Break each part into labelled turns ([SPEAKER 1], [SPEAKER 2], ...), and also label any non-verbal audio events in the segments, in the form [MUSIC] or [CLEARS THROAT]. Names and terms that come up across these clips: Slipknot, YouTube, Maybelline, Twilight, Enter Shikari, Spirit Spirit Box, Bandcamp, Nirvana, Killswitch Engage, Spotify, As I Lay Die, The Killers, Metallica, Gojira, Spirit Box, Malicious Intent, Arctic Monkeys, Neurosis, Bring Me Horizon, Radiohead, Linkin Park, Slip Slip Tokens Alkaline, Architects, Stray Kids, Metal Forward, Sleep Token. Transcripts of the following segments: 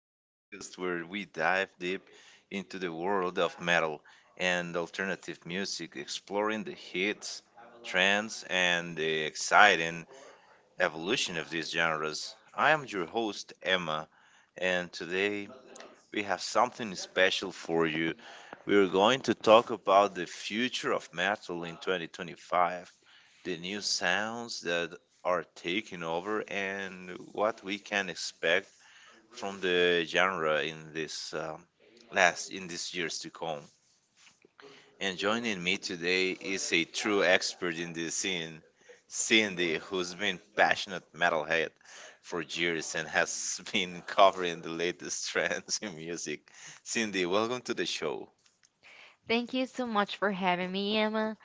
[SPEAKER 1] the podcast where we dive deep into the world of metal and alternative music, exploring the hits, trends, and the exciting evolution of these genres. I am your host, Emma, and today we have something special for you. We are going to talk about the future of metal in 2025, the new sounds that are taking over, and what we can expect from the genre in this last in these years to come. And joining me today is a true expert in this scene, Cindy, who's been passionate metalhead for years and has [LAUGHS] been covering the latest trends in music. Cindy, welcome to the show.
[SPEAKER 2] Thank you so much for having me, Emma.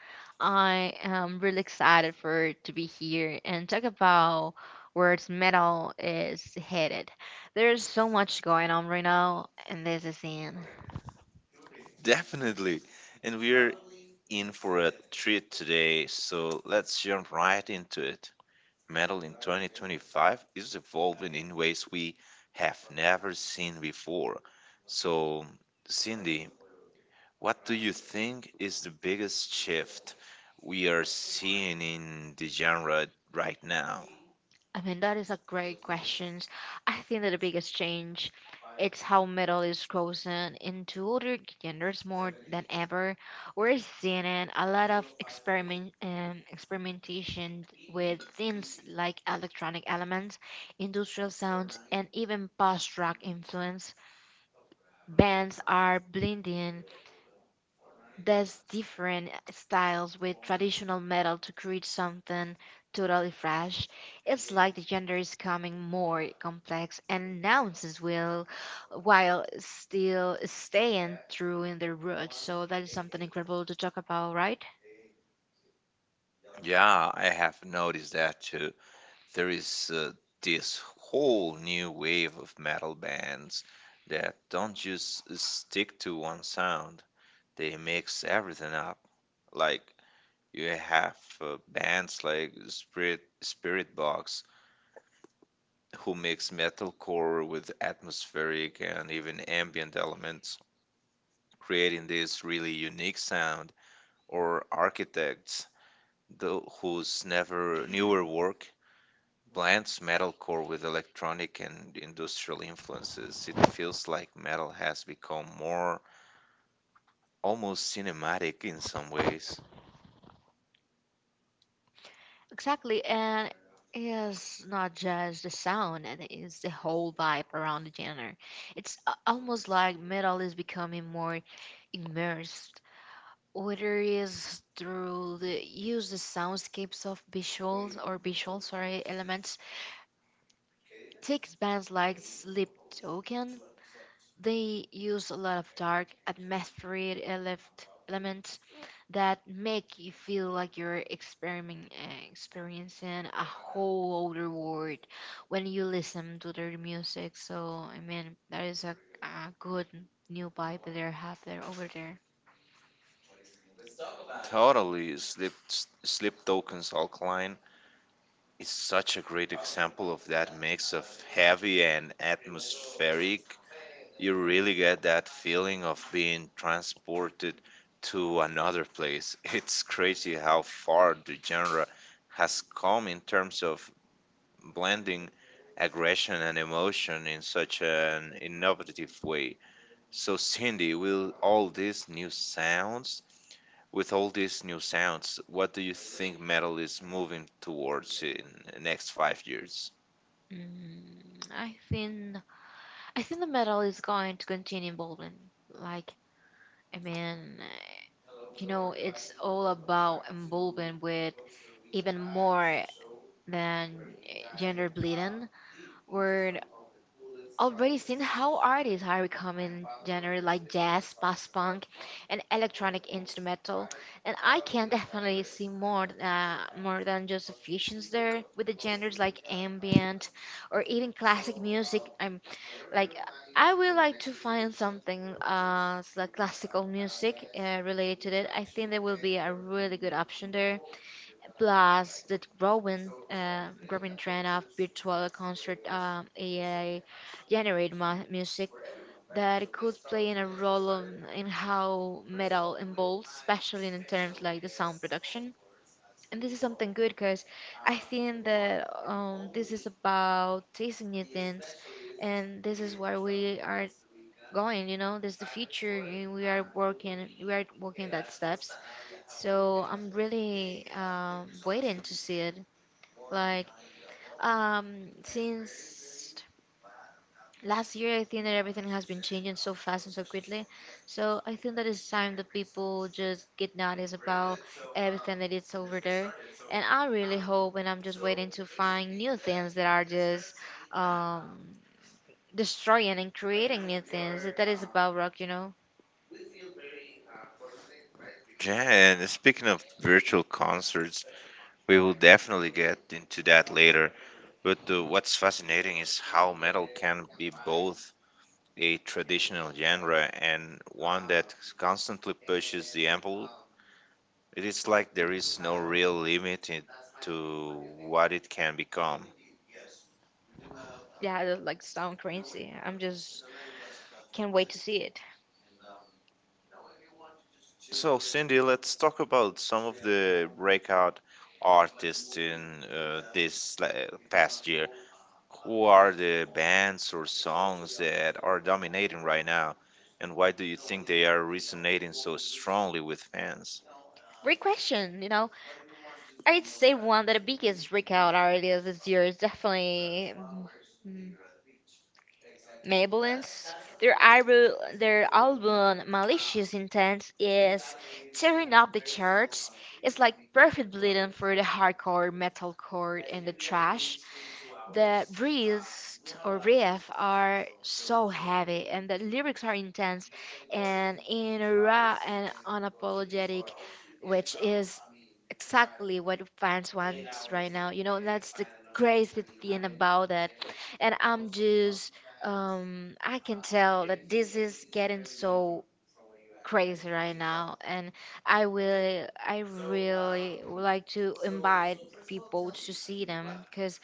[SPEAKER 2] I am really excited for to be here and talk about where its metal is headed. There's so much going on right now, and this is in.
[SPEAKER 1] Definitely. And we're in for a treat today, so let's jump right into it. Metal in 2025 is evolving in ways we have never seen before. So, Cindy, what do you think is the biggest shift we are seeing in the genre right now?
[SPEAKER 2] That is a great question. I think that the biggest change it's how metal is chosen into older genders more than ever. We're seeing it, a lot of experimentation with things like electronic elements, industrial sounds, and even post-rock influence. Bands are blending there's different styles with traditional metal to create something totally fresh. It's like the genre is becoming more complex and nuances will while still staying true in their roots. So that is something incredible to talk about, right?
[SPEAKER 1] Yeah, I have noticed that too. There is this whole new wave of metal bands that don't just stick to one sound, they mix everything up. Like, you have bands like Spirit Box who mix metalcore with atmospheric and even ambient elements, creating this really unique sound, or Architects, tho- whose never newer work blends metalcore with electronic and industrial influences. It feels like metal has become more almost cinematic in some ways.
[SPEAKER 2] Exactly. And it's not just the sound, and it's the whole vibe around the genre. Almost like metal is becoming more immersed. Whether is through the use the soundscapes of visuals or visual sorry elements takes bands like Sleep Token. They use a lot of dark atmospheric elements that make you feel like you're experiencing a whole other world when you listen to their music. So I mean, that is a good new vibe they have there over there.
[SPEAKER 1] Totally, Slip Tokens Alkaline, it's such a great example of that mix of heavy and atmospheric. You really get that feeling of being transported to another place. [LAUGHS] It's crazy how far the genre has come in terms of blending aggression and emotion in such an innovative way. So, Cindy, with all these new sounds, what do you think metal is moving towards in the next five years?
[SPEAKER 2] Mm, I think I think the medal is going to continue involvement. Like, I mean, it's all about involvement with even more than gender bleeding, where already seen how artists are becoming genre like jazz, post-punk, and electronic instrumental, and I can definitely see more more than just a fusions there with the genres like ambient or even classic music. Like I would like to find something like classical music related to it. I think there will be a really good option there plus the growing growing trend of virtual concert, AI generated music that could play in a role in how metal evolves, especially in terms like the sound production. And this is something good because I think that this is about tasting new things, and this is where we are going. You know, this is the future, and we are working that steps. So I'm really waiting to see it. Like, since last year, I think that everything has been changing so fast and so quickly. So I think that it's time that people just get noticed about everything that is over there. And I really hope, and I'm just waiting to find new things that are just um, destroying and creating new things. That is about rock, you know?
[SPEAKER 1] Yeah, and speaking of virtual concerts, we will definitely get into that later. But what's fascinating is how metal can be both a traditional genre and one that constantly pushes the envelope. It is like there is no real limit to what it can become.
[SPEAKER 2] Yeah, it like sound crazy. I'm just can't wait to see it.
[SPEAKER 1] So, Cindy, let's talk about some of the breakout artists in past year. Who are the bands or songs that are dominating right now, and why do you think they are resonating so strongly with fans?
[SPEAKER 2] Great question, you know. I'd say one that the biggest breakout ideas this year is definitely, mm, Maybelline's. Their album, their album "Malicious Intent" is tearing up the charts. It's like perfect bleeding for the hardcore, metalcore, and the trash. The breeze or riff are so heavy, and the lyrics are intense and in a raw and unapologetic, which is exactly what fans want right now. You know, that's the crazy thing about it. And I'm just I can tell that this is getting so crazy right now, and I really would like to invite people to see them because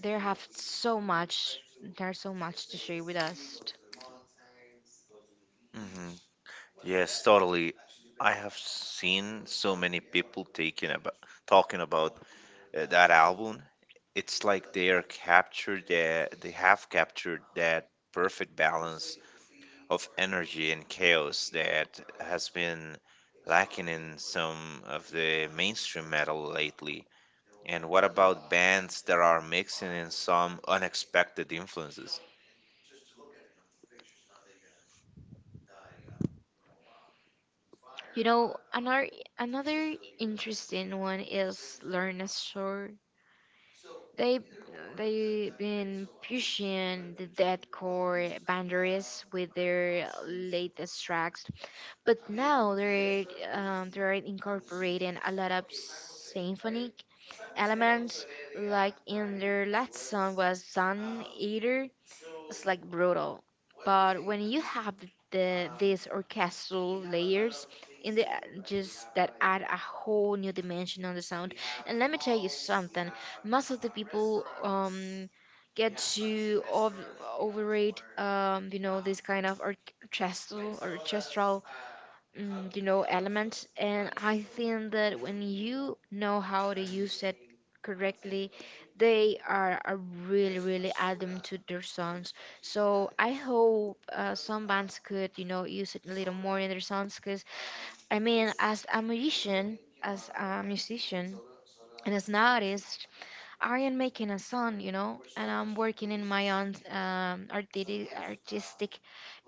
[SPEAKER 2] they have so much, there's so much to share with us.
[SPEAKER 1] Hmm. Yes, totally. I have seen so many people taking about talking about that album. It's like they have captured that perfect balance of energy and chaos that has been lacking in some of the mainstream metal lately. And what about bands that are mixing in some unexpected influences?
[SPEAKER 2] You know, another interesting one is learn a short. They they've been pushing the deathcore boundaries with their latest tracks, but now they're incorporating a lot of symphonic elements. Like in their last song was Sun Eater. It's like brutal, but when you have these orchestral layers in the just that add a whole new dimension on the sound. And let me tell you something, most of the people get to overrate, you know, this kind of orchestral, you know, element. And I think that when you know how to use it correctly, they are really really add them to their songs. So I hope some bands could, you know, use it a little more in their songs. Because I mean, as a musician, and as an artist, I am making a song, you know, and I'm working in my own artistic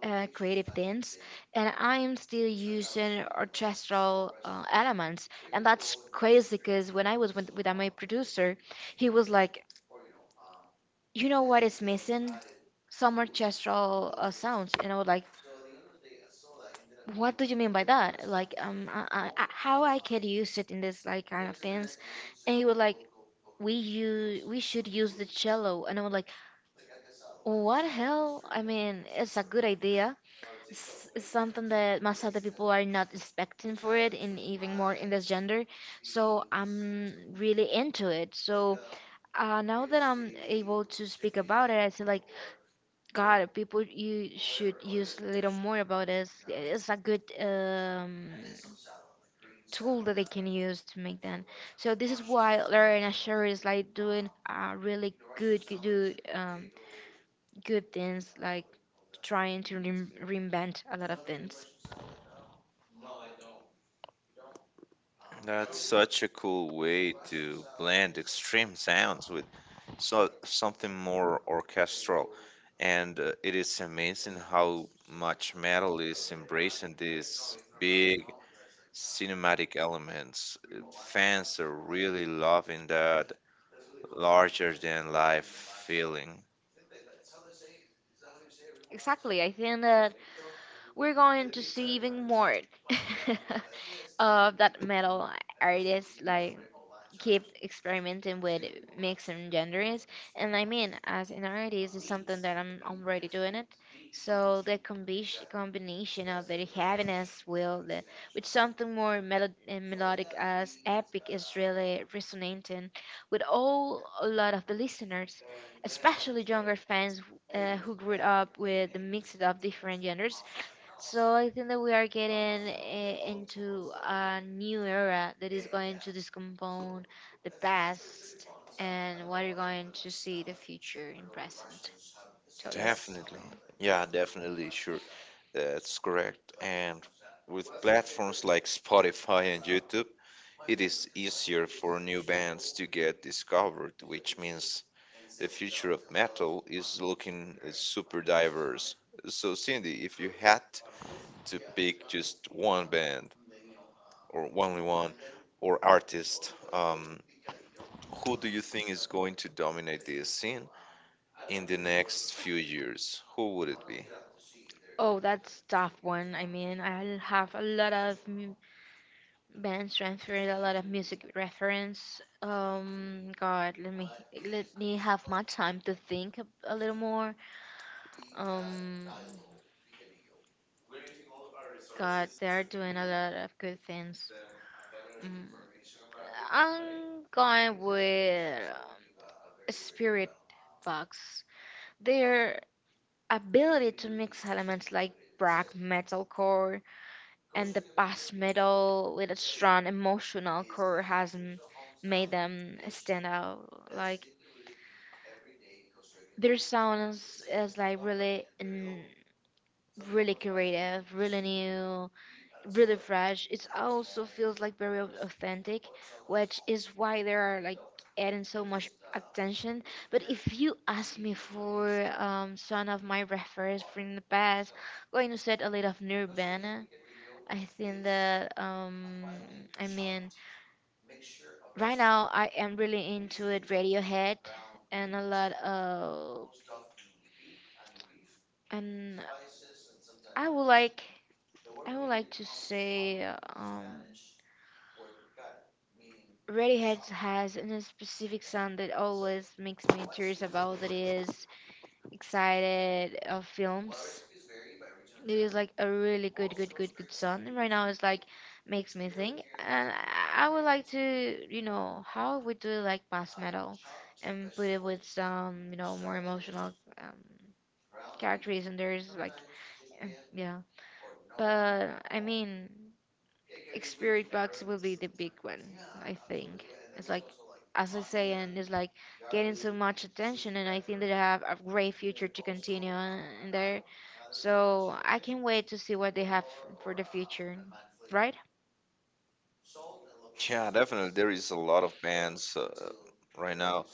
[SPEAKER 2] creative things, and I'm still using orchestral elements. And that's crazy because when I was with my producer, he was like, you know what is missing? Some orchestral sounds. And I was like, what do you mean by that? Like, how I could use it in this like kind of things? And he was like, we should use the cello, and I was like, what hell? I mean, it's a good idea. It's something that most other people are not expecting for it, and even more in this gender. So I'm really into it. So now that I'm able to speak about it, I say like, God, people, you should use a little more about this. It's a good tool that they can use to make that. So this is why Larry and Asher is like doing really good things, like trying to reinvent a lot of things.
[SPEAKER 1] That's such a cool way to blend extreme sounds with something more orchestral. And it is amazing how much metal is embracing these big cinematic elements. Fans are really loving that larger than life feeling.
[SPEAKER 2] Exactly, I think that we're going to see even more [LAUGHS] of that metal artists like keep experimenting with mixing genders. And I mean, as an artist, it's something that I'm already doing it. So the combination of the heaviness with something more melodic as epic is really resonating with all a lot of the listeners, especially younger fans who grew up with the mix of different genders. So I think that we are getting into a new era that is going to discompone the past and what you're going to see the future in present. So that's cool.
[SPEAKER 1] Definitely. Yeah, definitely. Sure. That's correct. And with platforms like Spotify and YouTube, it is easier for new bands to get discovered, which means the future of metal is looking super diverse. So, Cindy, if you had to pick just one band or only one or artist, who do you think is going to dominate this scene in the next few years, who would it be?
[SPEAKER 2] Oh, that's tough one. I mean, I have a lot of bands transferred, a lot of music reference. God, let me have my time to think a little more. Um, God, they are doing a lot of good things. Mm, I'm going with spirit box. Their ability to mix elements like black metalcore and the past metal with a strong emotional core has made them stand out. Like their is like really creative, really new, really fresh. It also feels like very authentic, which is why they are like adding so much attention. But if you ask me for some of my reference from the past, going to set a little of Nirvana. I think that I mean right now, I am really into it, Radiohead, and a lot of. And I would like, I would like to say, um, Radiohead has a specific song that always makes me curious about. That is excited of films. It is like a really good song. And right now, it's like makes me think, and I would like to, you know, how we do like mass metal, and put it with some, you know, more emotional um, characters, and there's like, uh, yeah. But I mean. Spirit box will be the big one, I think. It's like, as I say, and it's like getting so much attention, and I think that I have a great future to continue in there. So I can't wait to see what they have for the future, right?
[SPEAKER 1] Yeah, definitely. There is a lot of bands right now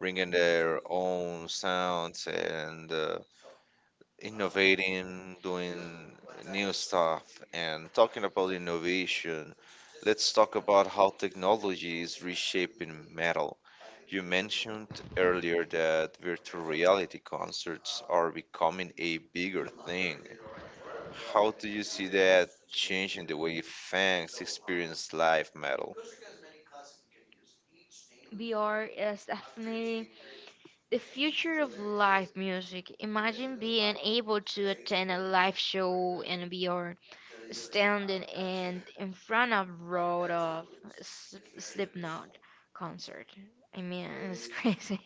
[SPEAKER 1] bringing their own sounds and innovating, doing new stuff. And talking about innovation, let's talk about how technology is reshaping metal. You mentioned earlier that virtual reality concerts are becoming a bigger thing. How do you see that changing the way fans experience live metal?
[SPEAKER 2] VR is definitely the future of live music. Imagine being able to attend a live show in VR, standing in front of road of Slipknot concert. I mean, it's crazy.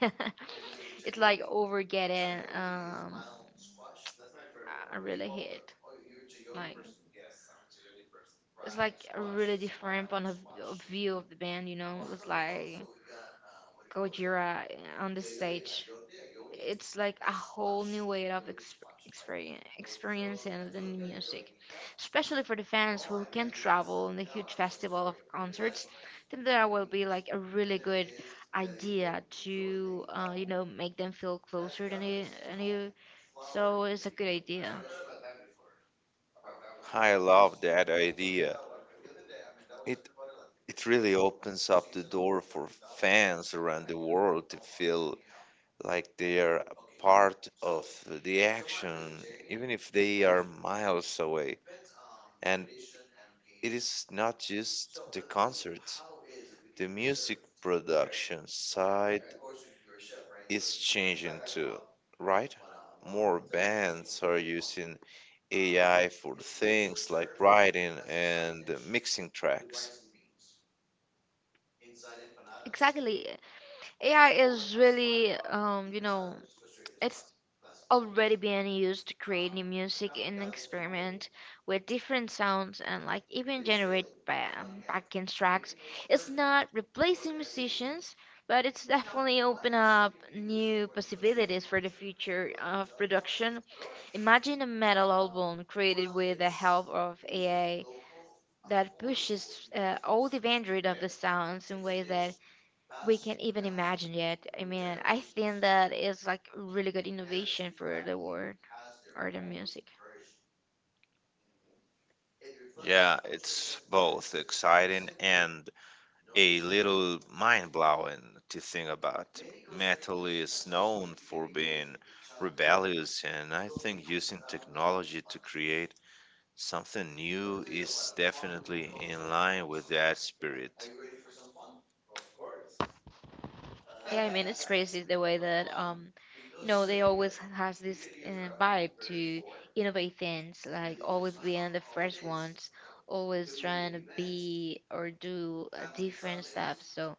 [SPEAKER 2] [LAUGHS] It's like over getting a really hit. Like, it's like a really different point of view of the band, you know? It's like Gojira on the stage. It's like a whole new way of exp- experience, experiencing the music, especially for the fans who can travel in the huge festival of concerts. Then there will be like a really good idea to, you know, make them feel closer than you. So it's a good idea.
[SPEAKER 1] I love that idea. It it really opens up the door for fans around the world to feel like they are a part of the action, even if they are miles away. And it is not just the concerts, the music production side is changing too, right? More bands are using AI for things like writing and mixing tracks.
[SPEAKER 2] Exactly. AI is really, it's already being used to create new music and experiment with different sounds, and like even generate backing tracks. It's not replacing musicians, but it's definitely open up new possibilities for the future of production. Imagine a metal album created with the help of AI that pushes all the boundary of the sounds in ways that we can even imagine yet. I mean, I think that is like really good innovation for the world or the music.
[SPEAKER 1] Yeah, it's both exciting and a little mind blowing to think about. Metal is known for being rebellious, and I think using technology to create something new is definitely in line with that spirit.
[SPEAKER 2] Yeah, I mean it's crazy the way that you know, they always has this vibe to innovate things, like always being the first ones, always trying to be or do different stuff. So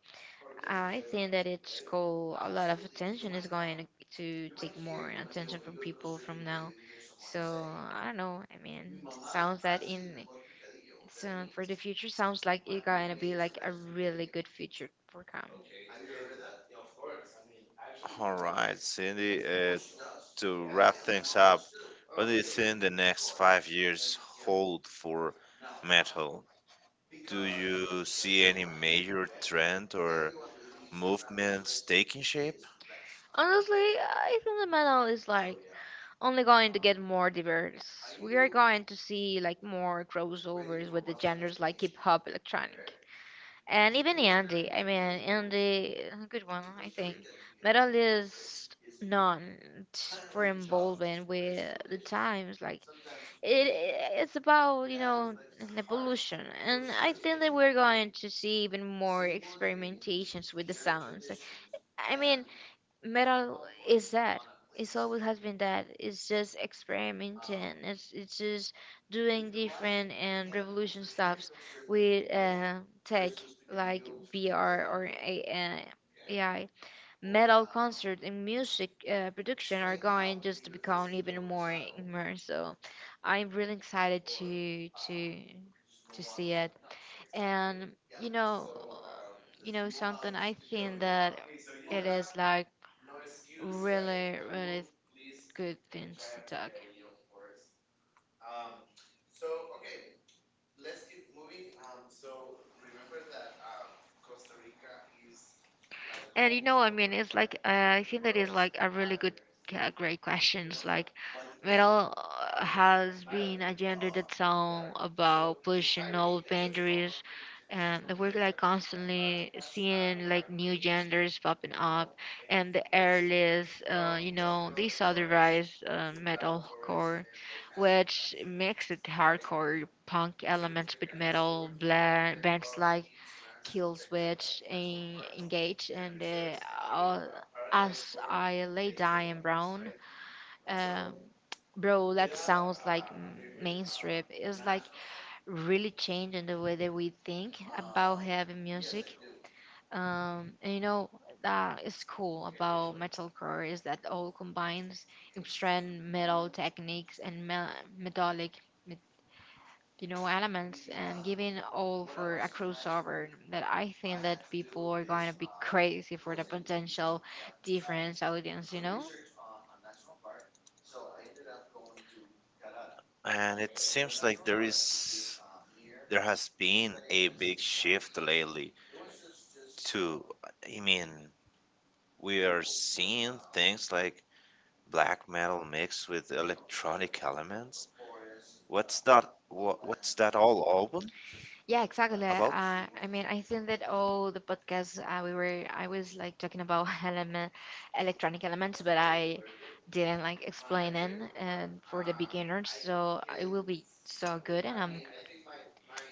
[SPEAKER 2] I think that it's cool. A lot of attention is going to take more attention from people from now. So I don't know. I mean, sounds that in so for the future sounds like it's going to be like a really good future for Cam.
[SPEAKER 1] All right, Cindy, to wrap things up, what do you think the next five years hold for metal? Do you see any major trend or movements taking shape?
[SPEAKER 2] Honestly, I think the metal is like only going to get more diverse. We are going to see like more crossovers with the genres like hip hop, electronic and even Andy. I mean, Andy, a good one, I think. Medalist none for involvement with the times. Like it, it's about an evolution, and I think that we're going to see even more experimentations with the sounds. I mean, metal is that. It's always has been that. It's just experimenting. It's just doing different and revolution stuffs with tech like VR or uh, AI. Metal concert and music production are going just to become even more immersive. I'm really excited to see it. And you know, you know something. I think that it is like really good things to talk. And you know, I mean, it's like I think that is like a really good, great questions. Like, Metal has been a genre that's song about pushing old boundaries, and the work like constantly seeing like new genders popping up, and the airless, they saw the rise metalcore, which mixed it hardcore punk elements with metal bands like Killswitch and Engage and uh, As I Lay Die in Brown. um, Bro, that sounds like mainstream. It's like really changing the way that we think about heavy music. And you know that is cool about metalcore is that all combines extreme metal techniques and metallic, me- you know, elements, and giving all for a crossover. That I think that people are going to be crazy for the potential different audience. You know.
[SPEAKER 1] And it seems like there has been a big shift lately to, I mean, we are seeing things like black metal mixed with electronic elements. What's that all album
[SPEAKER 2] Yeah, exactly.
[SPEAKER 1] about?
[SPEAKER 2] I mean, I think that all the podcasts I was like talking about [LAUGHS] electronic elements, but I didn't like explain it and for the beginners. So it will be so good, and I'm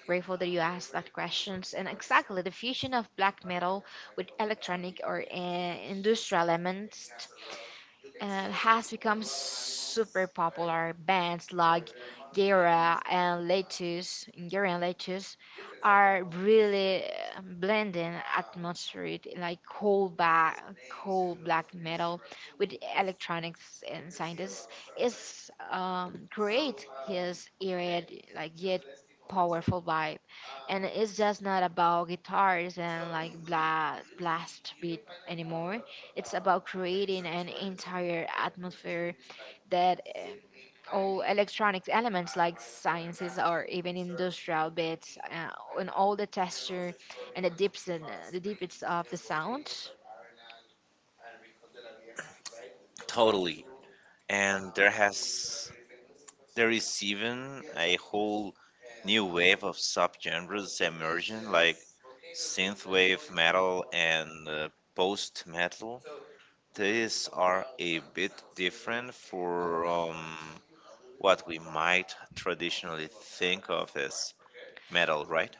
[SPEAKER 2] grateful that you asked that questions. And exactly, the fusion of black metal with electronic or industrial elements has become super popular. Bands like Gyra and lettuce are really blending atmospheric, like cold black metal with electronics and scientists is create his eerie, like yet powerful vibe. And it's just not about guitars and like bla blast beat anymore. It's about creating an entire atmosphere that all electronic elements like sciences or even industrial bits and all the texture and the dips and the deepest of the sound.
[SPEAKER 1] Totally. And there is even a whole new wave of subgenres emerging, like synthwave metal and post metal. These are a bit different from what we might traditionally think of as metal, right?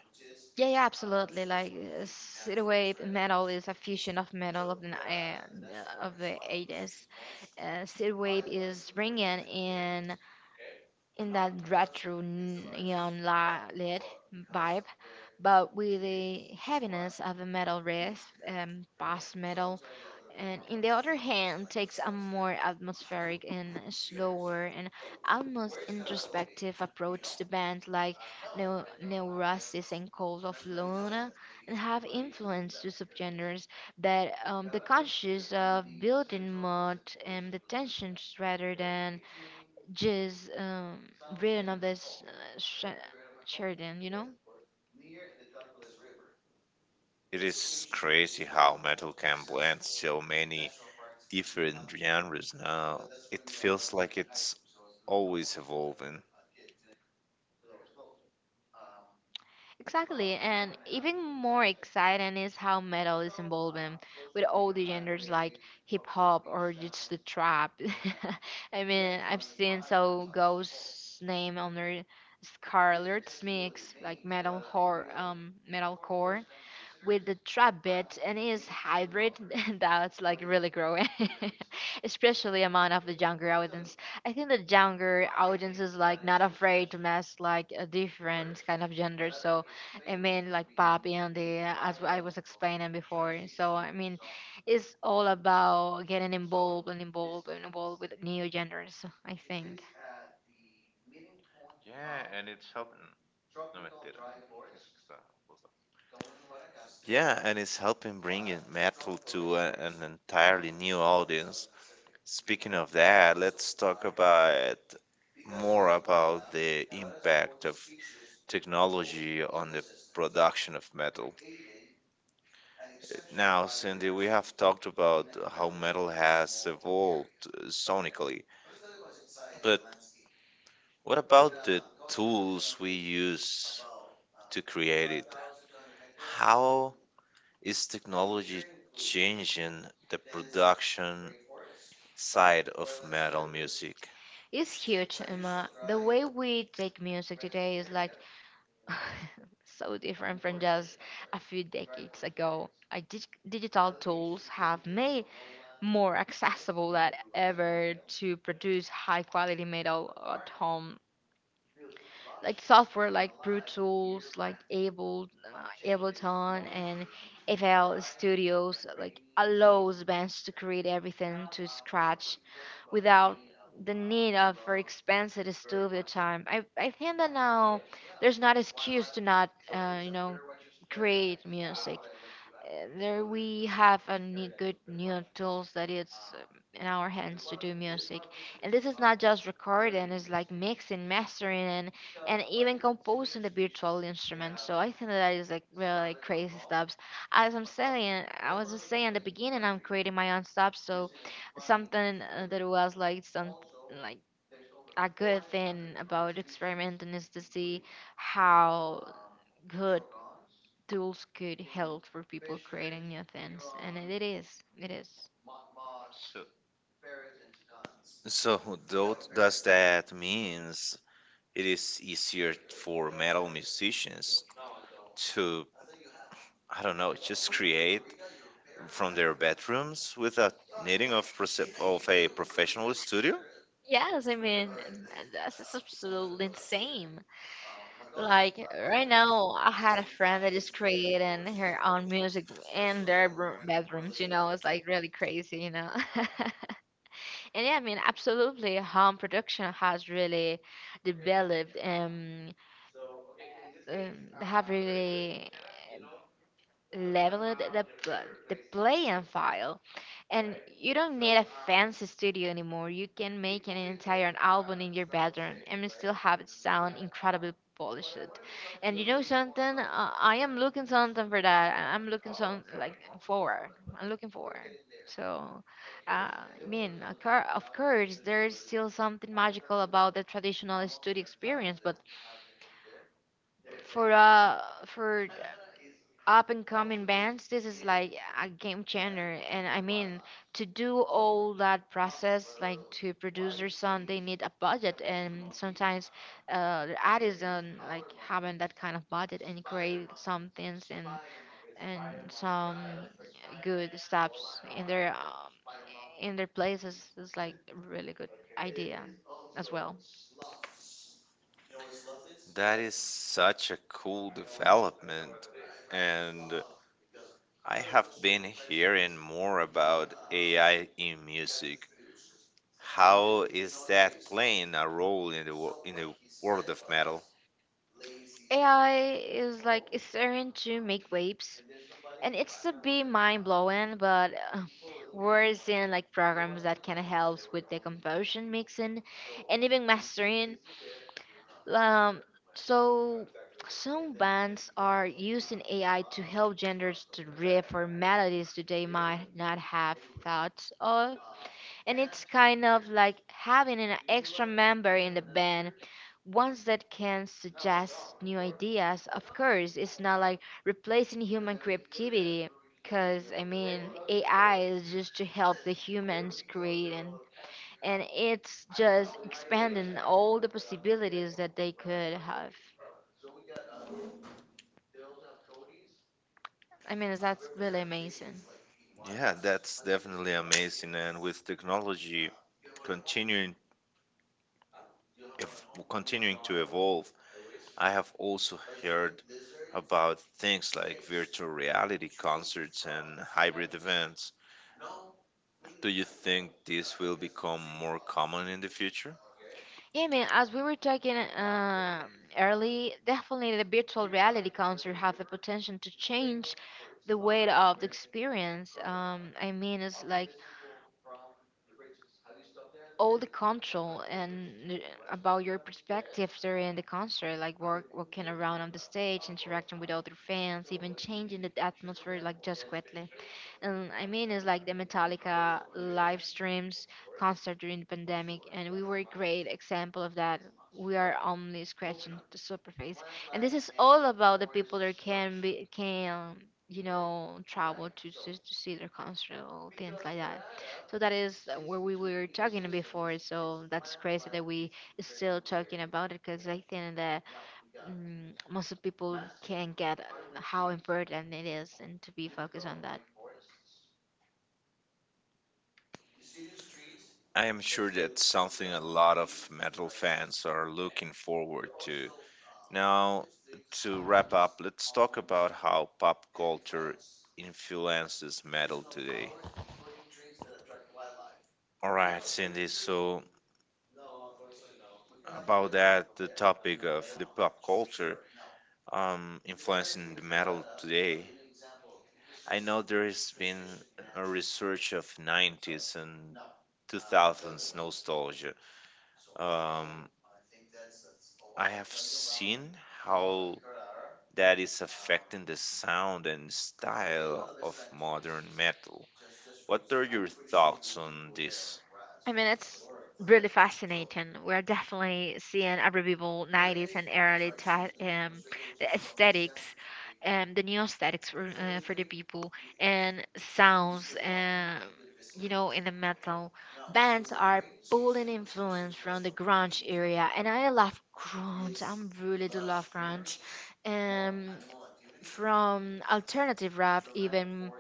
[SPEAKER 2] Yeah, yeah, absolutely. Like synth wave metal is a fusion of metal of the of the 80s. Synth wave is bringing in that retro neon lit vibe, but with the heaviness of a metal riff. Post metal, and in the other hand takes a more atmospheric and slower and almost introspective approach. The bands like Neurosis and Cold of Luna and have influenced the subgenres that the conscious of building mood and the tensions rather than just written of this Sheridan, you know?
[SPEAKER 1] It is crazy how metal can blend so many different genres now. It feels like it's always evolving.
[SPEAKER 2] Exactly, and even more exciting is how metal is involving with all the genders like hip hop or just the trap. [LAUGHS] I mean, I've seen so Ghost's name under Scarlet's mix like metal horror, metalcore with the trap bit and it's hybrid [LAUGHS] that's like really growing [LAUGHS] especially among of the younger audience. I think the younger audience is like not afraid to mess like a different kind of gender. So, I mean, like pop and the as I was explaining before. So, I mean, it's all about getting involved and involved and involved with new genders, I think.
[SPEAKER 1] Yeah, and it's helping bringing metal to a, an entirely new audience. Speaking of that, let's talk about more about the impact of technology on the production of metal. Now, Cindy, we have talked about how metal has evolved sonically, but what about the tools we use to create it? How is technology changing the production side of metal music?
[SPEAKER 2] Is huge, Emma. The way we take music today is like [LAUGHS] so different from just a few decades ago. I digital tools have made more accessible than ever to produce high quality metal at home, like software like Brute Tools, like Ableton, and FL Studios like allows bands to create everything to scratch without the need of for expensive studio time. I think that now there's not excuse to not create music. There we have a good new tools that it's in our hands to do music. And this is not just recording, it's like mixing, mastering, and even composing the virtual instruments. So I think that is like really like crazy stuff. As I'm saying, I was just saying at the beginning, I'm creating my own stuff. So something that was like some like a good thing about experimenting is to see how good tools could help for people creating new things, and it is.
[SPEAKER 1] So, though, does that means it is easier for metal musicians to, I don't know, just create from their bedrooms without needing of of a professional studio?
[SPEAKER 2] Yes, I mean that's just absolutely insane. Like right now, I had a friend that is creating her own music in their bedrooms. You know, it's like really crazy. You know, [LAUGHS] and yeah, I mean, absolutely, home production has really developed and have really leveled the play and file. And you don't need a fancy studio anymore. You can make an entire album in your bedroom and still have it sound incredibly polished. And you know something? I am looking something for that. I- I'm looking some like forward. I'm looking forward. So, I mean, of course, there's still something magical about the traditional studio experience, but for uh for up and coming bands this is like a game changer. And I mean, to do all that process, like to produce their song, they need a budget, and sometimes the artists don't like having that kind of budget and create some things, and some good stops in their places. It's like a really good idea as well.
[SPEAKER 1] That is such a cool development, and I have been hearing more about AI in music. How is that playing a role in the in the world of metal?
[SPEAKER 2] AI is like starting to make waves, and it's a bit mind blowing, but we're seeing like programs that can help with the composition, mixing, and even mastering. Um, so some bands are using AI to help genders to riff or melodies that they might not have thought of, and it's kind of like having an extra member in the band, ones that can suggest new ideas. Of course, it's not like replacing human creativity, because I mean, AI is just to help the humans create, and it's just expanding all the possibilities that they could have. I mean, that's really amazing.
[SPEAKER 1] Wow. Yeah, that's definitely amazing. And with technology continuing continuing to evolve, I have also heard about things like virtual reality concerts and hybrid events. Do you think this will become more common in the future?
[SPEAKER 2] Yeah, man, as we were talking early, definitely the virtual reality concert have the potential to change the weight of the experience. I mean, it's like all the control and about your perspective during the concert, like walking around on the stage, interacting with other fans, even changing the atmosphere, like just quickly. And I mean, it's like the Metallica live streams concert during the pandemic, and we were a great example of that. We are only scratching the surface, and this is all about the people that can you know travel to see their concert or things like that. So that is where we were talking before. So that's crazy that we still talking about it because I think that most of people can get how important it is and to be focused on that.
[SPEAKER 1] I am sure that's something a lot of metal fans are looking forward to. Now, to wrap up, let's talk about how pop culture influences metal today. All right, Cindy, so about that, the topic of the pop culture influencing the metal today. I know there has been a research of 90s and 2000s nostalgia. Um, I have seen how that is affecting the sound and style of modern metal. What are your thoughts on this?
[SPEAKER 2] I mean, it's really fascinating. We're definitely seeing a revival 90s and early the aesthetics. The new aesthetics for the people and sounds. You know, in the metal bands are pulling influence from the grunge area, and I love grunge, I'm really do love grunge. um from alternative rap, even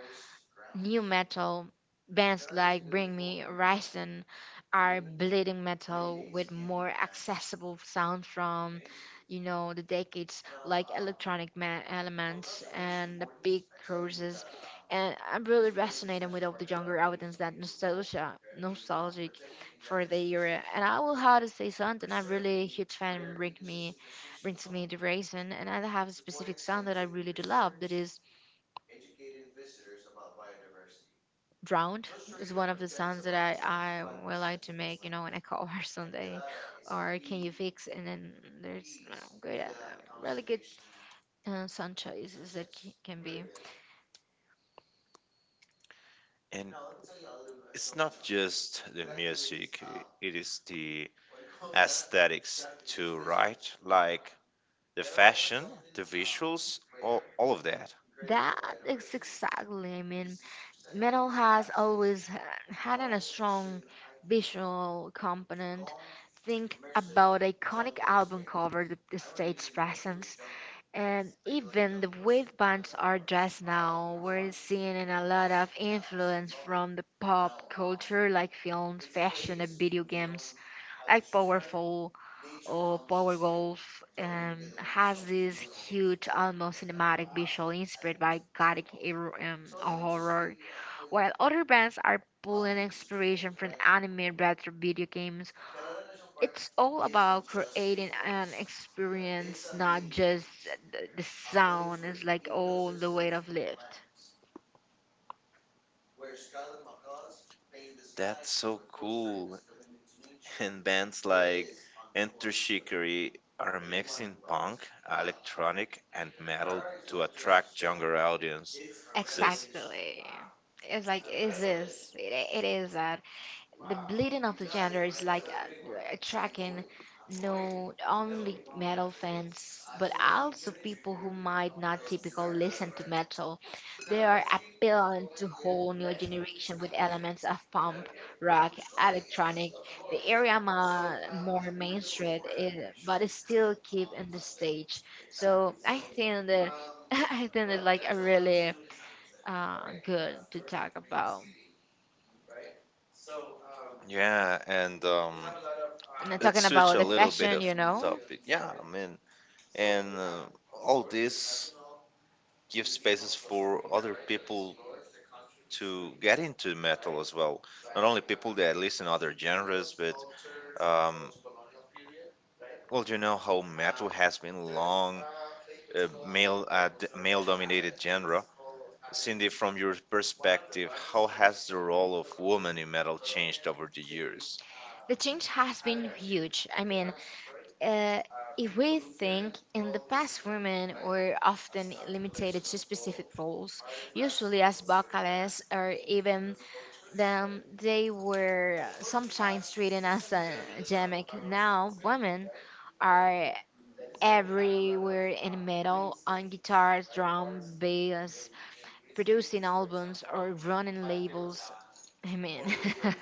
[SPEAKER 2] new metal bands like Bring Me Horizon are bleeding metal with more accessible sound from you know, the decades, like electronic elements and the big cruises. And I'm really resonating with all the younger audience that nostalgic for the era. And I will have to say something. I'm really a huge fan. Brings me the raisin, and I have a specific song that I really do love. That is Drowned is one of the songs that I would like to make, you know, when I call [LAUGHS] her someday. Or Can You Fix? And then there's you know, good, really good song choices that can be.
[SPEAKER 1] And it's not just the music, it is the aesthetics too, right? Like the fashion, the visuals, all of that.
[SPEAKER 2] That is exactly, I mean, metal has always had a strong visual component. Think about iconic album cover, the stage presence, and even the way the bands are dressed now. We're seeing in a lot of influence from the pop culture, like films, fashion, and video games, like Powerful or Power Golf has this huge, almost cinematic visual inspired by horror, while other bands are pulling inspiration from anime retro video games. It's all about creating an experience, not just the sound. It's like all the weight of lift.
[SPEAKER 1] That's so cool. And bands like Enter Shikari are mixing punk, electronic, and metal to attract younger audiences.
[SPEAKER 2] Exactly. It's like, is this? It is that. The bleeding of the gender is like attracting not only metal fans, but also people who might not typically listen to metal. They are appealing to whole new generation with elements of punk rock, electronic, the area more mainstream it, but it still keep in the stage. So I think that [LAUGHS] I think it's like a really good to talk about.
[SPEAKER 1] Yeah, and
[SPEAKER 2] And I'm
[SPEAKER 1] let's
[SPEAKER 2] talking
[SPEAKER 1] switch
[SPEAKER 2] about
[SPEAKER 1] a
[SPEAKER 2] the
[SPEAKER 1] little bit
[SPEAKER 2] fashion,
[SPEAKER 1] of
[SPEAKER 2] you know.
[SPEAKER 1] topic. Yeah, I mean, and all this gives spaces for other people to get into metal as well. Not only people that listen other genres, but um, well, you know how metal has been long a male male-dominated genre. Cindy, from your perspective, how has the role of women in metal changed over the years?
[SPEAKER 2] The change has been huge. I mean, uh, if we think in the past, women were often limited to specific roles, usually as vocalists, or even then they were sometimes treated as a gimmick. Now, women are everywhere in metal, on guitars, drum, bass, produced in albums or run in labels. I mean, [LAUGHS]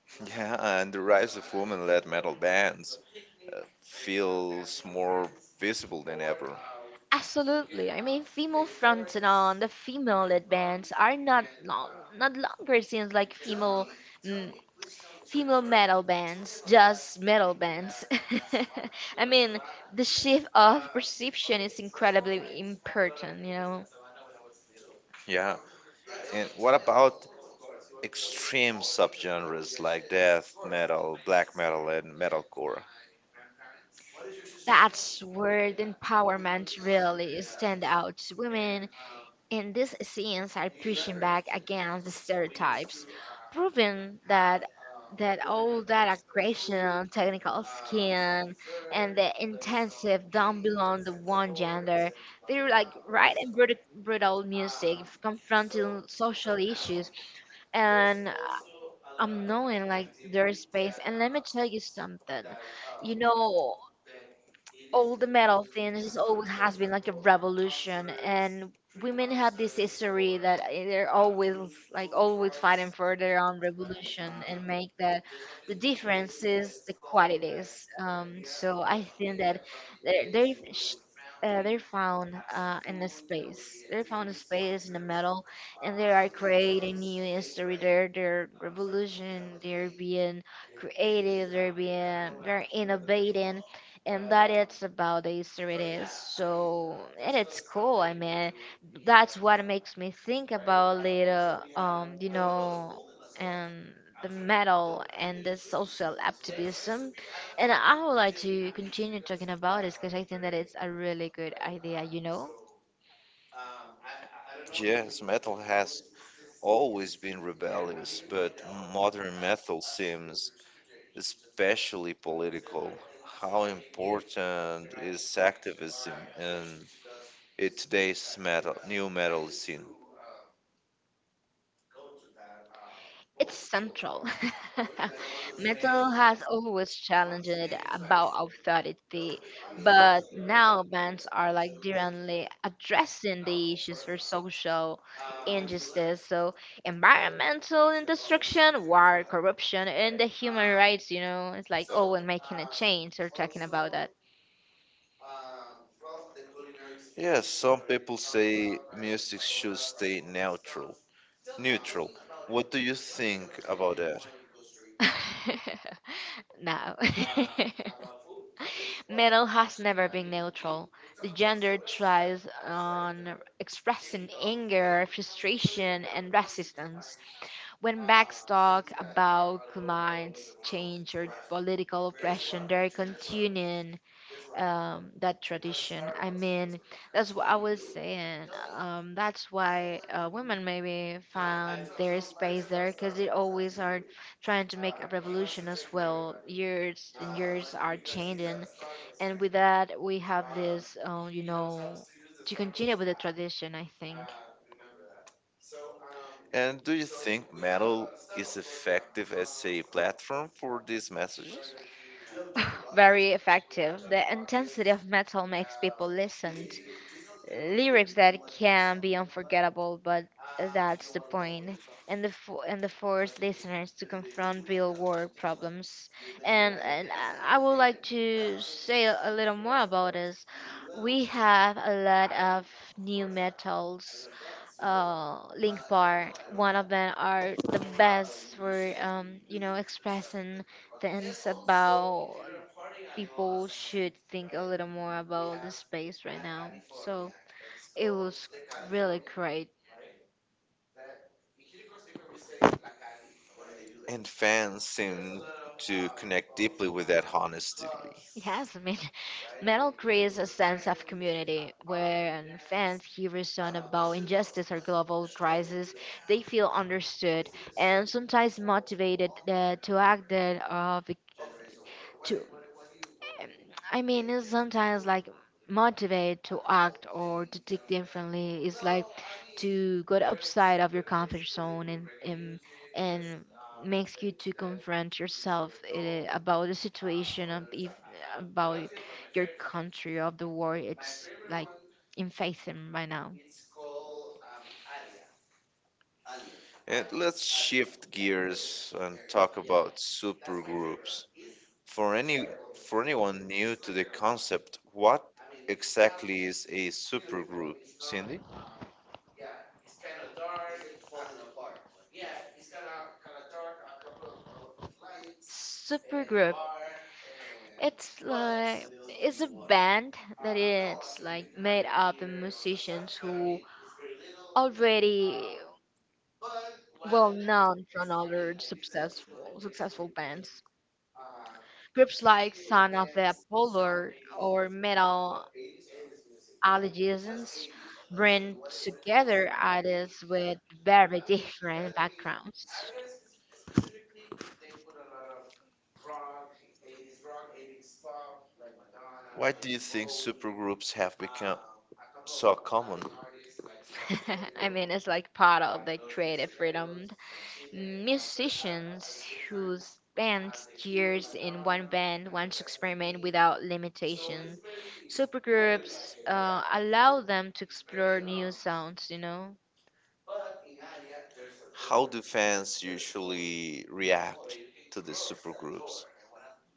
[SPEAKER 1] [LAUGHS] Yeah, and the rise of women-led metal bands feels more visible than ever.
[SPEAKER 2] absolutely. I mean, female front and on the female-led bands are not longer. It seems like female mm, female metal bands, just metal bands. [LAUGHS] I mean, the shift of perception is incredibly important. You know,
[SPEAKER 1] Yeah, and what about extreme subgenres like death metal, black metal, and metalcore?
[SPEAKER 2] that's where the empowerment really stand out. Women in these scenes are pushing back against the stereotypes, proven that that all that aggression, technical skin, and the intensive don't belong to one gender. They're like right and brutal music, confronting social issues, and I'm knowing like their space. And let me tell you something, you know, all the metal things always has been like a revolution, and women have this history that they're always, like, always fighting for their own revolution and make the differences, the qualities. So I think that they're, sh- they're found in a space, they're found a space in the metal, and they are creating new history. They're revolution, they're being creative, they're being very innovating, and that it's about the Easter it is. So, and it's cool. I mean, that's what makes me think about later. You know, and the metal and the social activism, and I would like to continue talking about this because I think that it's a really good idea. You know.
[SPEAKER 1] Yes, metal has always been rebellious, but modern metal seems especially political. How important is activism in it today's metal, new metal scene?
[SPEAKER 2] It's central. [LAUGHS] Metal has always challenged about authority, but now bands are like directly addressing the issues for social injustice, so environmental destruction, war, corruption, and the human rights. You know, it's like, oh, when making a change, they're talking about that.
[SPEAKER 1] Yes, some people say music should stay neutral. Neutral. What do you think about that?
[SPEAKER 2] [LAUGHS] now. [LAUGHS] Metal has never been neutral. The gender thrives on expressing anger, frustration, and resistance. When blacks talk about climate change or political oppression, they're continuing that tradition. I mean, that's what I was saying. That's why women maybe found their space there, because they always are trying to make a revolution as well. Years and years are changing, and with that we have this, you know, to continue with the tradition. I think.
[SPEAKER 1] And do you think metal is effective as a platform for these messages?
[SPEAKER 2] Very effective. The intensity of metal makes people listen. Lyrics that can be unforgettable, but that's the point. And the force listeners to confront real world problems. And I would like to say a little more about this. We have a lot of new metals, Link Bar. One of them are the best for you know, expressing thinks about people should think a little more about the space right now. So it was really great.
[SPEAKER 1] And fans seem to connect deeply with that honesty.
[SPEAKER 2] Yes, I mean, [LAUGHS] metal creates a sense of community where fans hear a song about injustice or global crisis. They feel understood and sometimes motivated to act that bec- to um, I mean, it's sometimes like motivate to act or to think differently. It's like to go outside of your comfort zone and makes you to confront yourself about the situation of if about your country of the war, it's like in facing right now.
[SPEAKER 1] And let's shift gears and talk about supergroups. For any for anyone new to the concept, what exactly is a supergroup, Cindy?
[SPEAKER 2] It's band already known. Groups like Son of the Apollo or Metal Allegiance bring together artists with very different backgrounds.
[SPEAKER 1] Why do you think supergroups have become so common?
[SPEAKER 2] [LAUGHS] I mean, it's like part of the creative freedom. Musicians who spent years in one band want to experiment without limitation. Supergroups allow them to explore new sounds, you know?
[SPEAKER 1] How do fans usually react to the supergroups?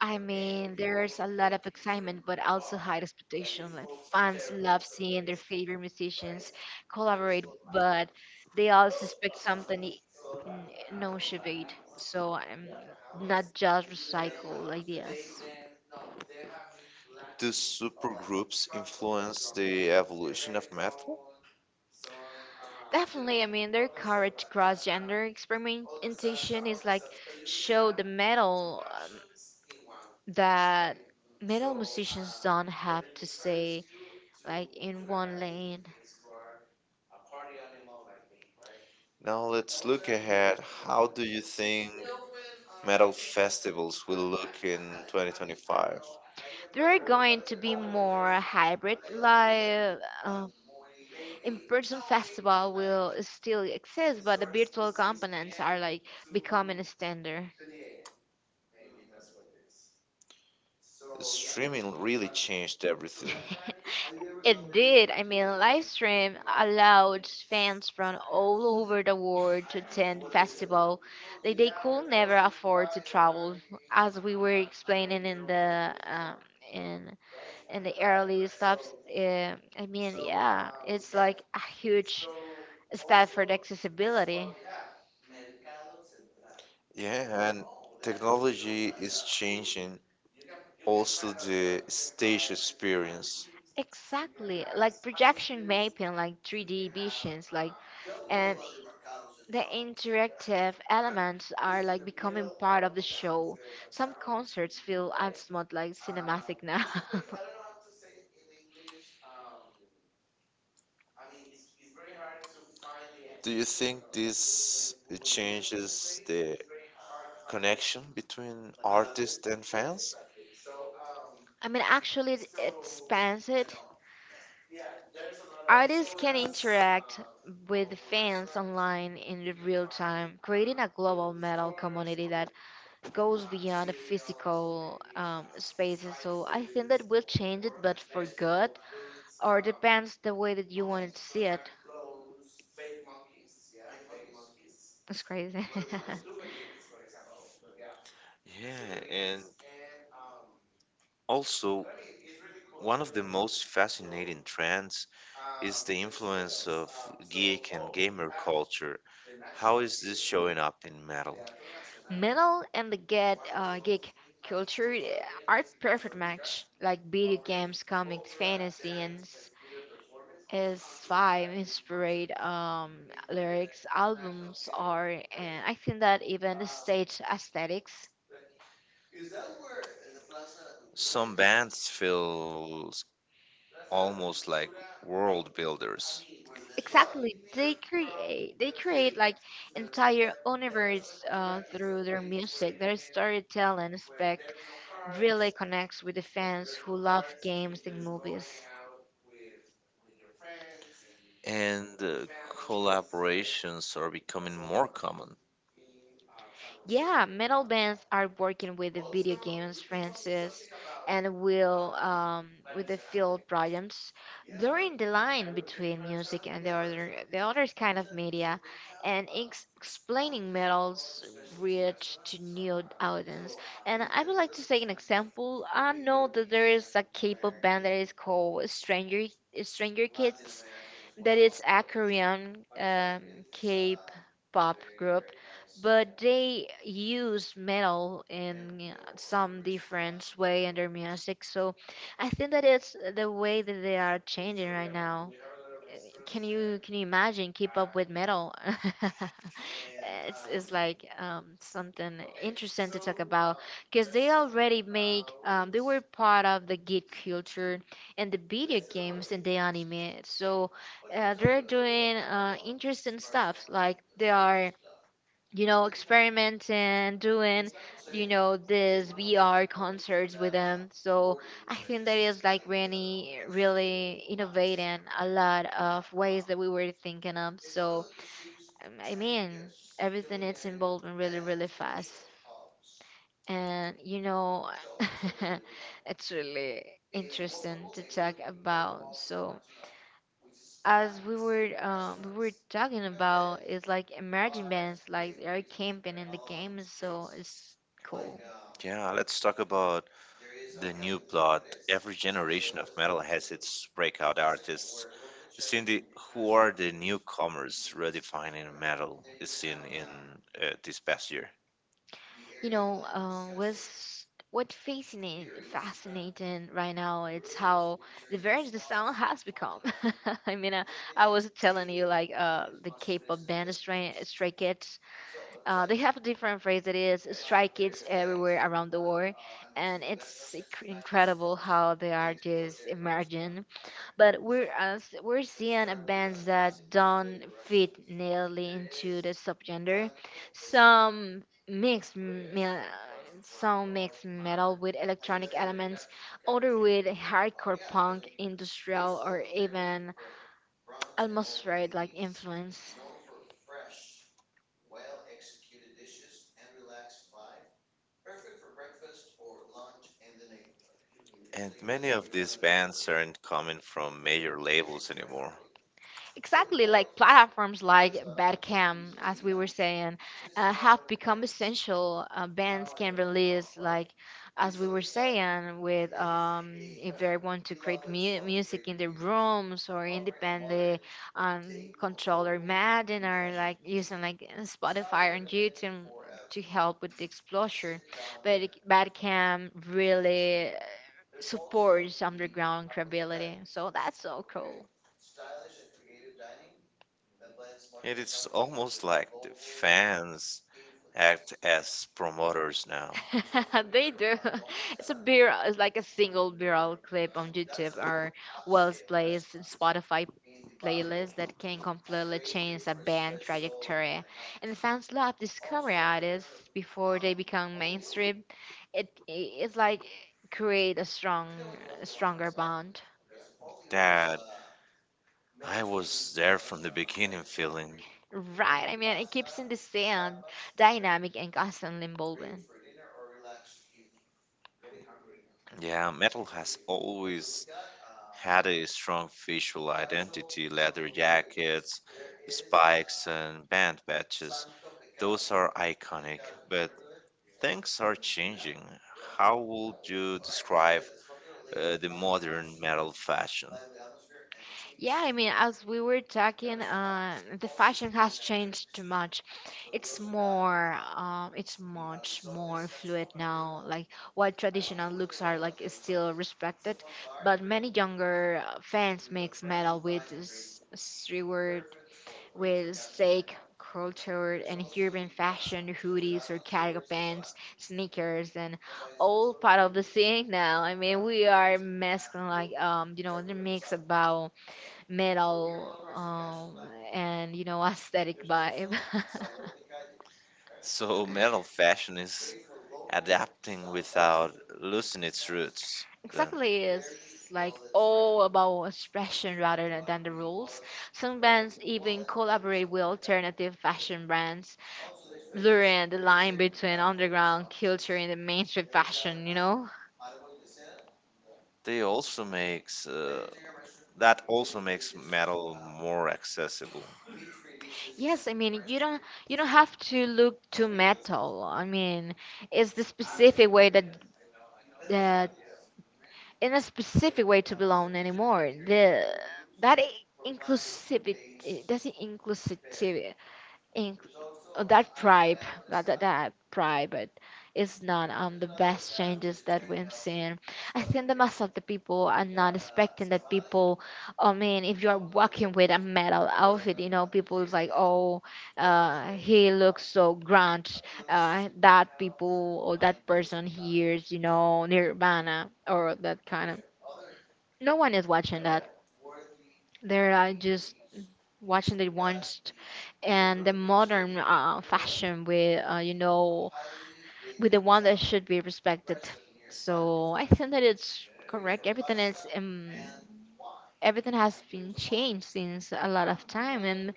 [SPEAKER 2] I mean, there's a lot of excitement, but also high expectation. Like fans love seeing their favorite musicians collaborate, but they also expect something no shade. So I'm not just recycle ideas.
[SPEAKER 1] Do supergroups influence the evolution of metal?
[SPEAKER 2] Definitely, I mean, their courage cross gender experimentation is like show the metal that metal musicians don't have to stay like in one lane.
[SPEAKER 1] Now let's look ahead. How do you think metal festivals will look in 2025?
[SPEAKER 2] They're going to be more hybrid, like uh, in-person festival will still exist, but the virtual components are like becoming a standard.
[SPEAKER 1] Streaming really changed everything.
[SPEAKER 2] [LAUGHS] It did. I mean, Livestream allowed fans from all over the world to attend festival that they could never afford to travel, as we were explaining in the in in the early stops. I mean, yeah, it's like a huge step for the accessibility.
[SPEAKER 1] Yeah, and technology is changing also the stage experience.
[SPEAKER 2] Exactly, like projection mapping, like 3D visions, like and the interactive elements are like becoming part of the show. Some concerts feel somewhat like cinematic now. [LAUGHS]
[SPEAKER 1] Do you think this changes the connection between artists and fans?
[SPEAKER 2] I mean, actually, it expands it. Artists can interact with fans online in the real time, creating a global metal community that goes beyond the physical spaces. So I think that will change it, but for good, or depends the way that you wanted to see it. It's crazy. [LAUGHS]
[SPEAKER 1] Yeah, and also, one of the most fascinating trends is the influence of geek and gamer culture. How is this showing up in metal?
[SPEAKER 2] Metal and the geek culture are perfect match, like video games, comics, fantasy, and S5 inspired lyrics, albums are, and I think that even stage aesthetics.
[SPEAKER 1] Some bands feel almost like world builders,
[SPEAKER 2] Exactly, they create like entire universe through their music. Their storytelling aspect really connects with the fans who love games and movies.
[SPEAKER 1] and collaborations are becoming more common.
[SPEAKER 2] Yeah, metal bands are working with the video games, Francis, and will with the field projects. During the line between music and the other kind of media, and explaining metals reach to new audience. And I would like to say an example. I know that there is a K-pop band that is called Stranger Kids, that is a Korean K-pop group, but they use metal in some different way in their music. So I think that it's the way that they are changing right now. Can you imagine keep up with metal? [LAUGHS] It's like something interesting to talk about, because they already make they were part of the geek culture and the video games and the anime. So they're doing interesting stuff, like they are, you know, experimenting, doing, you know, this VR concerts with them. So I think that is like really, really innovating a lot of ways that we were thinking of. So I mean, everything is involving really, really fast, and you know, [LAUGHS] it's really interesting to talk about. So as we were talking about, is like emerging bands, like they are camping in the game, so it's cool.
[SPEAKER 1] Yeah, let's talk about the new blood. Every generation of metal has its breakout artists. Seen the Who are the newcomers redefining metal is seen in this past year.
[SPEAKER 2] You know, what's fascinating right now, it's how diverse the sound has become. [LAUGHS] I mean I was telling you, like, the K-pop band Stray Kids. Uh, they have a different phrase that is Strike Kids everywhere around the world, and it's incredible how they are just emerging. But we're seeing a bands that don't fit nearly into the subgenre. Some mix me- some mix metal with electronic elements, other with hardcore punk, industrial, or even atmospheric like influence.
[SPEAKER 1] And many of these bands aren't coming from major labels anymore.
[SPEAKER 2] Exactly, like platforms like Bandcamp, as we were saying, have become essential. Bands can release, like, as we were saying, with if they want to create music in their rooms, or independent controller Madden, or like using like Spotify and YouTube to help with the exposure. Bandcamp really supports underground credibility, so that's so cool.
[SPEAKER 1] It is almost like the fans act as promoters now.
[SPEAKER 2] [LAUGHS] They do. [LAUGHS] It's a viral. It's like a single viral clip on YouTube or Wells Plays and Spotify playlist that can completely change a band trajectory. And fans love discovery artists before they become mainstream. It's like create a stronger bond.
[SPEAKER 1] That I was there from the beginning feeling.
[SPEAKER 2] Right. I mean, it keeps in the sand, dynamic and constantly evolving.
[SPEAKER 1] Yeah, metal has always had a strong visual identity, leather jackets, spikes, and band patches. Those are iconic, but things are changing. How would you describe the modern metal fashion?
[SPEAKER 2] Yeah, I mean, as we were talking, the fashion has changed too much. It's more, it's much more fluid now. Like what traditional looks are like is still respected, but many younger fans mix metal with streetwear, with steak culture and urban fashion, hoodies or cargo pants, sneakers, and all part of the scene now. I mean, we are masking like you know, the mix about metal and you know aesthetic vibe [LAUGHS]
[SPEAKER 1] So, metal fashion is adapting without losing its roots, then.
[SPEAKER 2] exactly it's like all about expression rather than the rules. Some bands even collaborate with alternative fashion brands, blurring the line between underground culture and the mainstream fashion.
[SPEAKER 1] They also makes That also makes metal more accessible.
[SPEAKER 2] Yes, I mean you don't have to look too metal. I mean it's the specific way that in a specific way to belong anymore. That i- inclusivity, that's the inclusivity, in, oh, that pride, that pride, but it's not the best changes that we've seen. I think that most of the people are not expecting that people. I mean, if you are walking with a metal outfit, you know, people is like, oh, he looks so grunge. That people or that person hears, you know, Nirvana or that kind of no one is watching that. They're just watching and the modern fashion with you know with the one that should be respected. So I think that it's correct. Everything is everything has been changed since a lot of time, and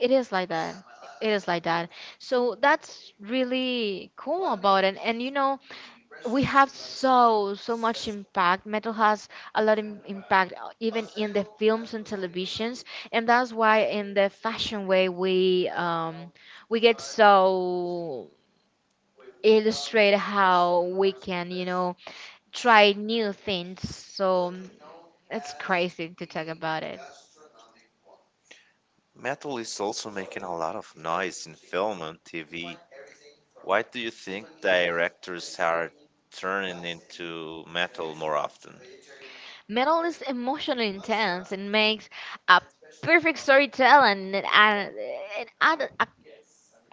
[SPEAKER 2] it is like that. It is like that. So that's really cool about it. And you know, we have so much impact, metal has a lot of impact even in the films and televisions, and that's why in the fashion way we get so illustrate how we can you know try new things, so it's crazy to talk about it.
[SPEAKER 1] Metal is also making a lot of noise in film and TV. Why do you think directors are turning into metal more often?
[SPEAKER 2] Metal is emotionally intense and makes a perfect storyteller and add,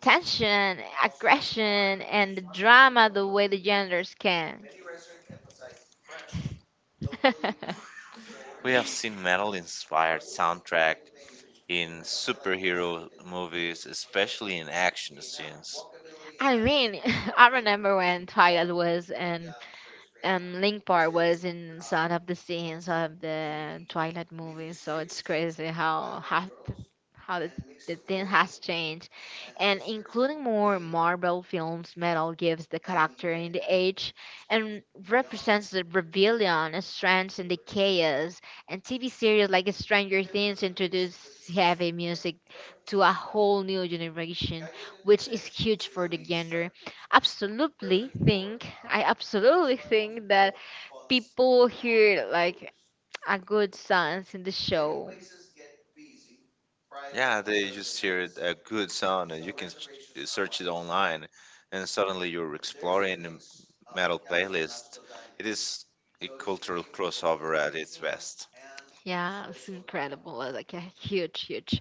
[SPEAKER 2] tension, aggression, and the drama the way the genders can. [LAUGHS]
[SPEAKER 1] We have seen metal inspired soundtrack in superhero movies, especially in action scenes.
[SPEAKER 2] I mean, [LAUGHS] I remember when Twilight was in Link Park was in some of the scenes of the Twilight movie, so it's crazy how the thing has changed, and including more Marvel films, metal gives the character in the age and represents the rebellion, strength, and the chaos. And TV series like Stranger Things introduce heavy music to a whole new generation, which is huge for the genre. Absolutely think I absolutely think that people hear like a good songs in the show.
[SPEAKER 1] Yeah, they just hear a good sound, and you can search it online, and suddenly you're exploring a metal playlist. It is a cultural crossover at its best.
[SPEAKER 2] Yeah, it's incredible. Like a huge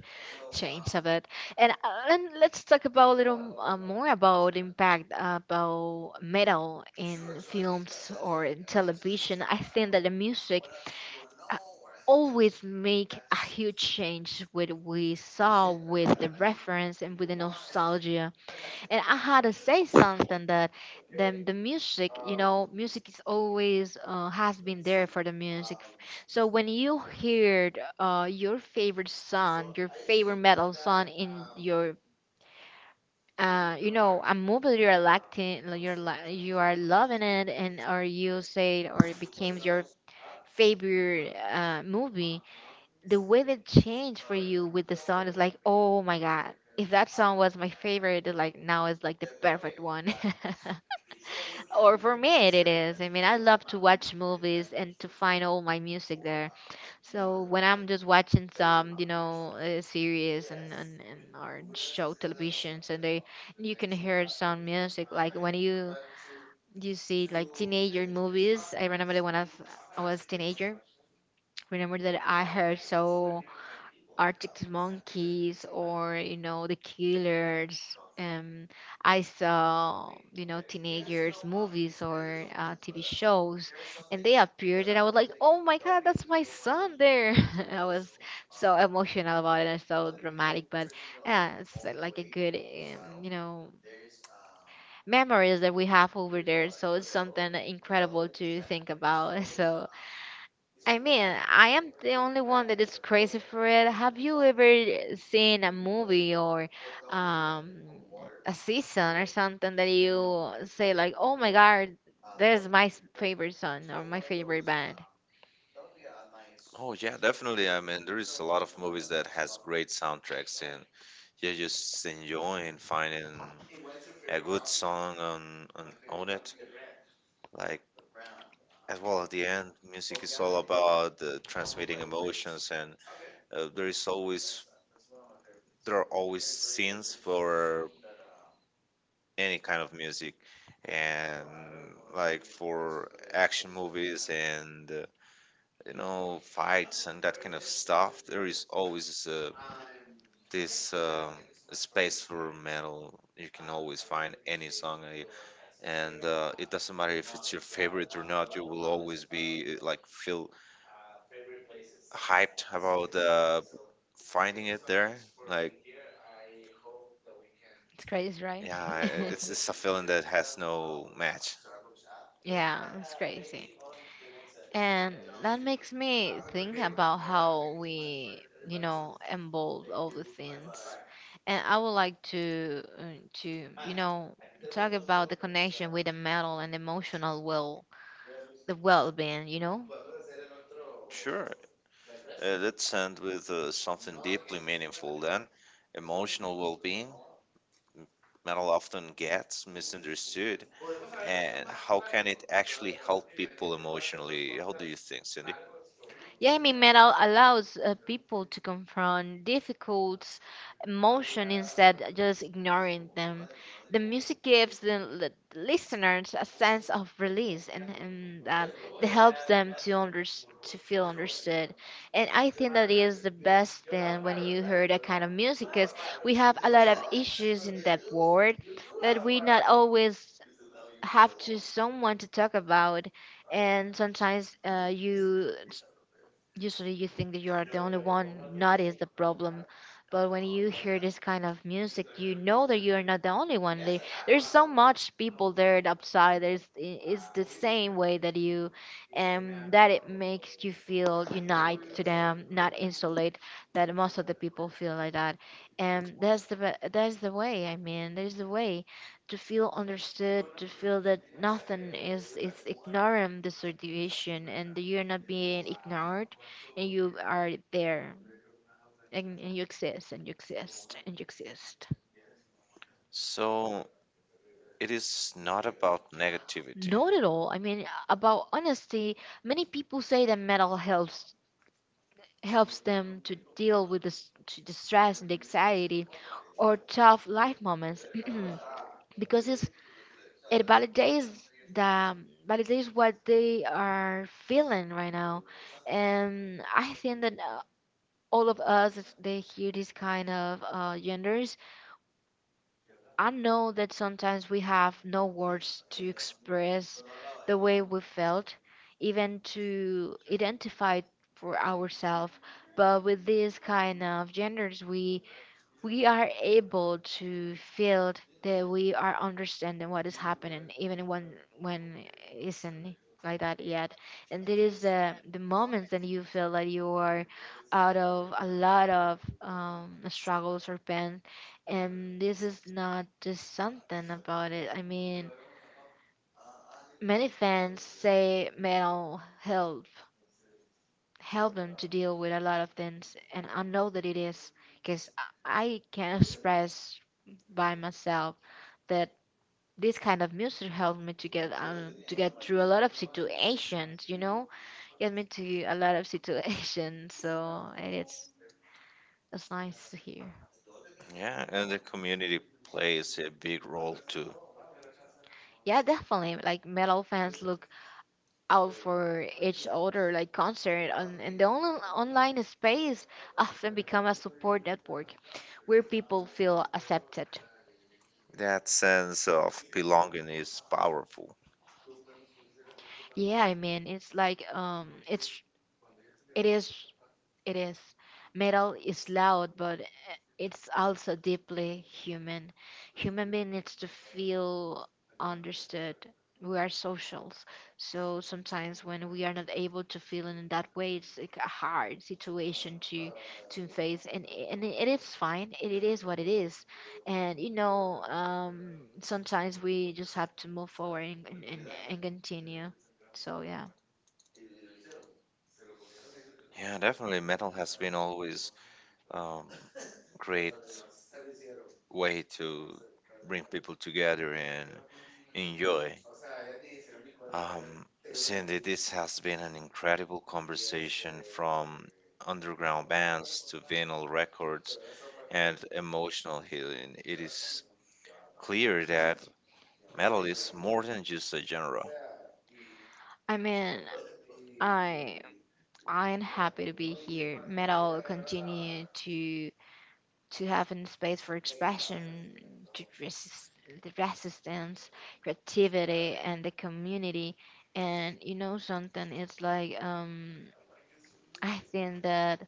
[SPEAKER 2] change of it. And let's talk about a little more about impact about metal in films or in television. I think that the music uh, always make a huge change with we saw with the reference and with the nostalgia, and I had to say something that the music, you know, music is always has been there for the music. So when you heard your favorite song, your favorite metal song in your you know, a movie you're electing, you are loving it, and or you say it or it becomes your favorite movie the way they changed for you with the song is like, oh my god. If that song was my favorite, it's like now it's like the perfect one. [LAUGHS] Or for me, it is. I mean, I love to watch movies and to find all my music there. So when I'm just watching some, you know, series and or show televisions, and they you can hear some music. Like when you see like teenager movies. I remember that when I was teenager. Remember that I heard so Arctic Monkeys or you know the Killers. Um, I saw you know teenagers movies or TV shows, and they appeared, and I was like, "Oh my God, that's my son there!" [LAUGHS] I was so emotional about it and so dramatic, but yeah, it's like a good you know memories that we have over there. So it's something incredible to think about. [LAUGHS] So I mean, I am the only one that is crazy for it. Have you ever seen a movie or um, a season or something that you say like, "Oh my God, there's favorite song or my favorite band"?
[SPEAKER 1] Oh yeah, definitely. I mean, there is a lot of movies that has great soundtracks, and you're just enjoying finding a good song on it. Like, as well at the end, music is all about transmitting emotions, and uh, there is always there are always scenes for any kind of music and like for action movies and you know, fights and that kind of stuff, there is always this space for metal. You can always find any song, eh, and it doesn't matter if it's your favorite or not. You will always be feel hyped about finding it there. Like,
[SPEAKER 2] It's crazy, right?
[SPEAKER 1] yeah, it's a feeling that has no match.
[SPEAKER 2] [LAUGHS] [LAUGHS] Yeah, it's crazy. And that makes me think about how we, you know, involve all the things. And I would like to you know, talk about the connection with the mental and emotional well, the well-being. You know.
[SPEAKER 1] Sure. Let's end with something deeply meaningful then. Emotional well being, metal often gets misunderstood. And how can it actually help people emotionally? How do you think, Cindy?
[SPEAKER 2] Yeah, I mean, metal allows people to confront difficult emotion instead of just ignoring them. The music gives listeners a sense of release and that helps them to under, to feel understood. And I think that is the best thing when you hear that kind of music, because we have a lot of issues in that world that we not always have to someone to talk about. And sometimes you usually you think that you are the only one not is the problem, but when you hear this kind of music you know that you are not the only one. There's so much people there outside, it's the same way that you, and that it makes you feel unite to them not insolate, that most of the people feel like that. And that's that's the way. I mean there's the way to feel understood, to feel that nothing is is ignoring the situation and that you're not being ignored, and you are there, and you exist and you exist and you exist.
[SPEAKER 1] So, it is not about negativity.
[SPEAKER 2] Not at all. I mean, about honesty, many people say that metal helps them to deal with the, s- to the stress and the anxiety or tough life moments [CLEARS THROAT] because it's, it validates the validates what they are feeling right now, and I think that all of us they hear these kind of genders. I know that sometimes we have no words to express the way we felt, even to identify for ourselves, but with these kind of genders, we are able to feel that we are understanding what is happening even when it isn't like that yet. And there is the moments that you feel that you are out of a lot of struggles or pain, and this is not just something about it. I mean many fans say mental health help them to deal with a lot of things, and I know that it is because I can express by myself that this kind of music helped me to get through a lot of situations, you know, get me to a lot of situations. [LAUGHS] So it's nice to hear.
[SPEAKER 1] Yeah, and the community plays a big role too.
[SPEAKER 2] Yeah, definitely, like metal fans look out for each other, like concert and the only online space often become a support network where people feel accepted.
[SPEAKER 1] That sense of belonging is powerful.
[SPEAKER 2] Yeah, I mean, it's like it's it is it is metal is loud, but it's also deeply human. Human being needs to feel understood. We are socials, so sometimes when we are not able to feel in that way, it's like a hard situation to face, and and it is fine. It is what it is, and you know, sometimes we just have to move forward and and continue. So yeah.
[SPEAKER 1] Yeah, definitely. Metal has been always um, great way to bring people together and enjoy. Um, Cindy, this has been an incredible conversation from underground bands to vinyl records and emotional healing. It is clear that metal is more than just a genre.
[SPEAKER 2] I mean, I I'm happy to be here. Metal continue to have a space for expression, to resist, the resistance, creativity, and the community. And you know something, it's like I think that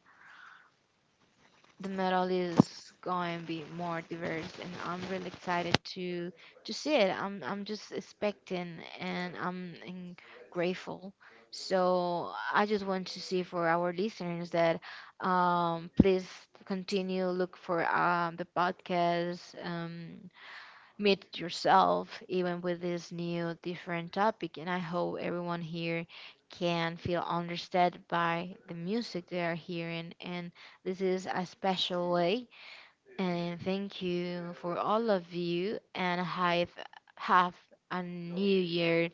[SPEAKER 2] the metal is going to be more diverse, and I'm really excited to see it. I'm just expecting and I'm grateful. So I just want to see for our listeners that please continue look for the podcast, meet yourself even with this new different topic, and I hope everyone here can feel understood by the music they are hearing, and this is a special way. And thank you for all of you, and have a new year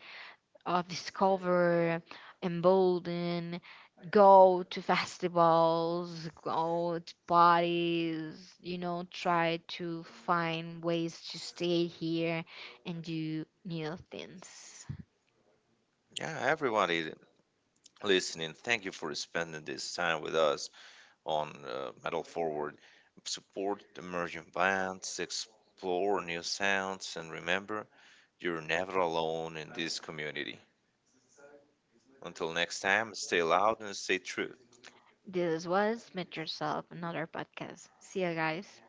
[SPEAKER 2] of discover, embolden, go to festivals, go to parties, you know, try to find ways to stay here and do new things.
[SPEAKER 1] Yeah, everybody listening, thank you for spending this time with us on Metal Forward. Support emerging bands, explore new sounds, and remember, you're never alone in this community. Until next time, stay loud and stay true.
[SPEAKER 2] This was Met Yourself, another podcast. See you guys.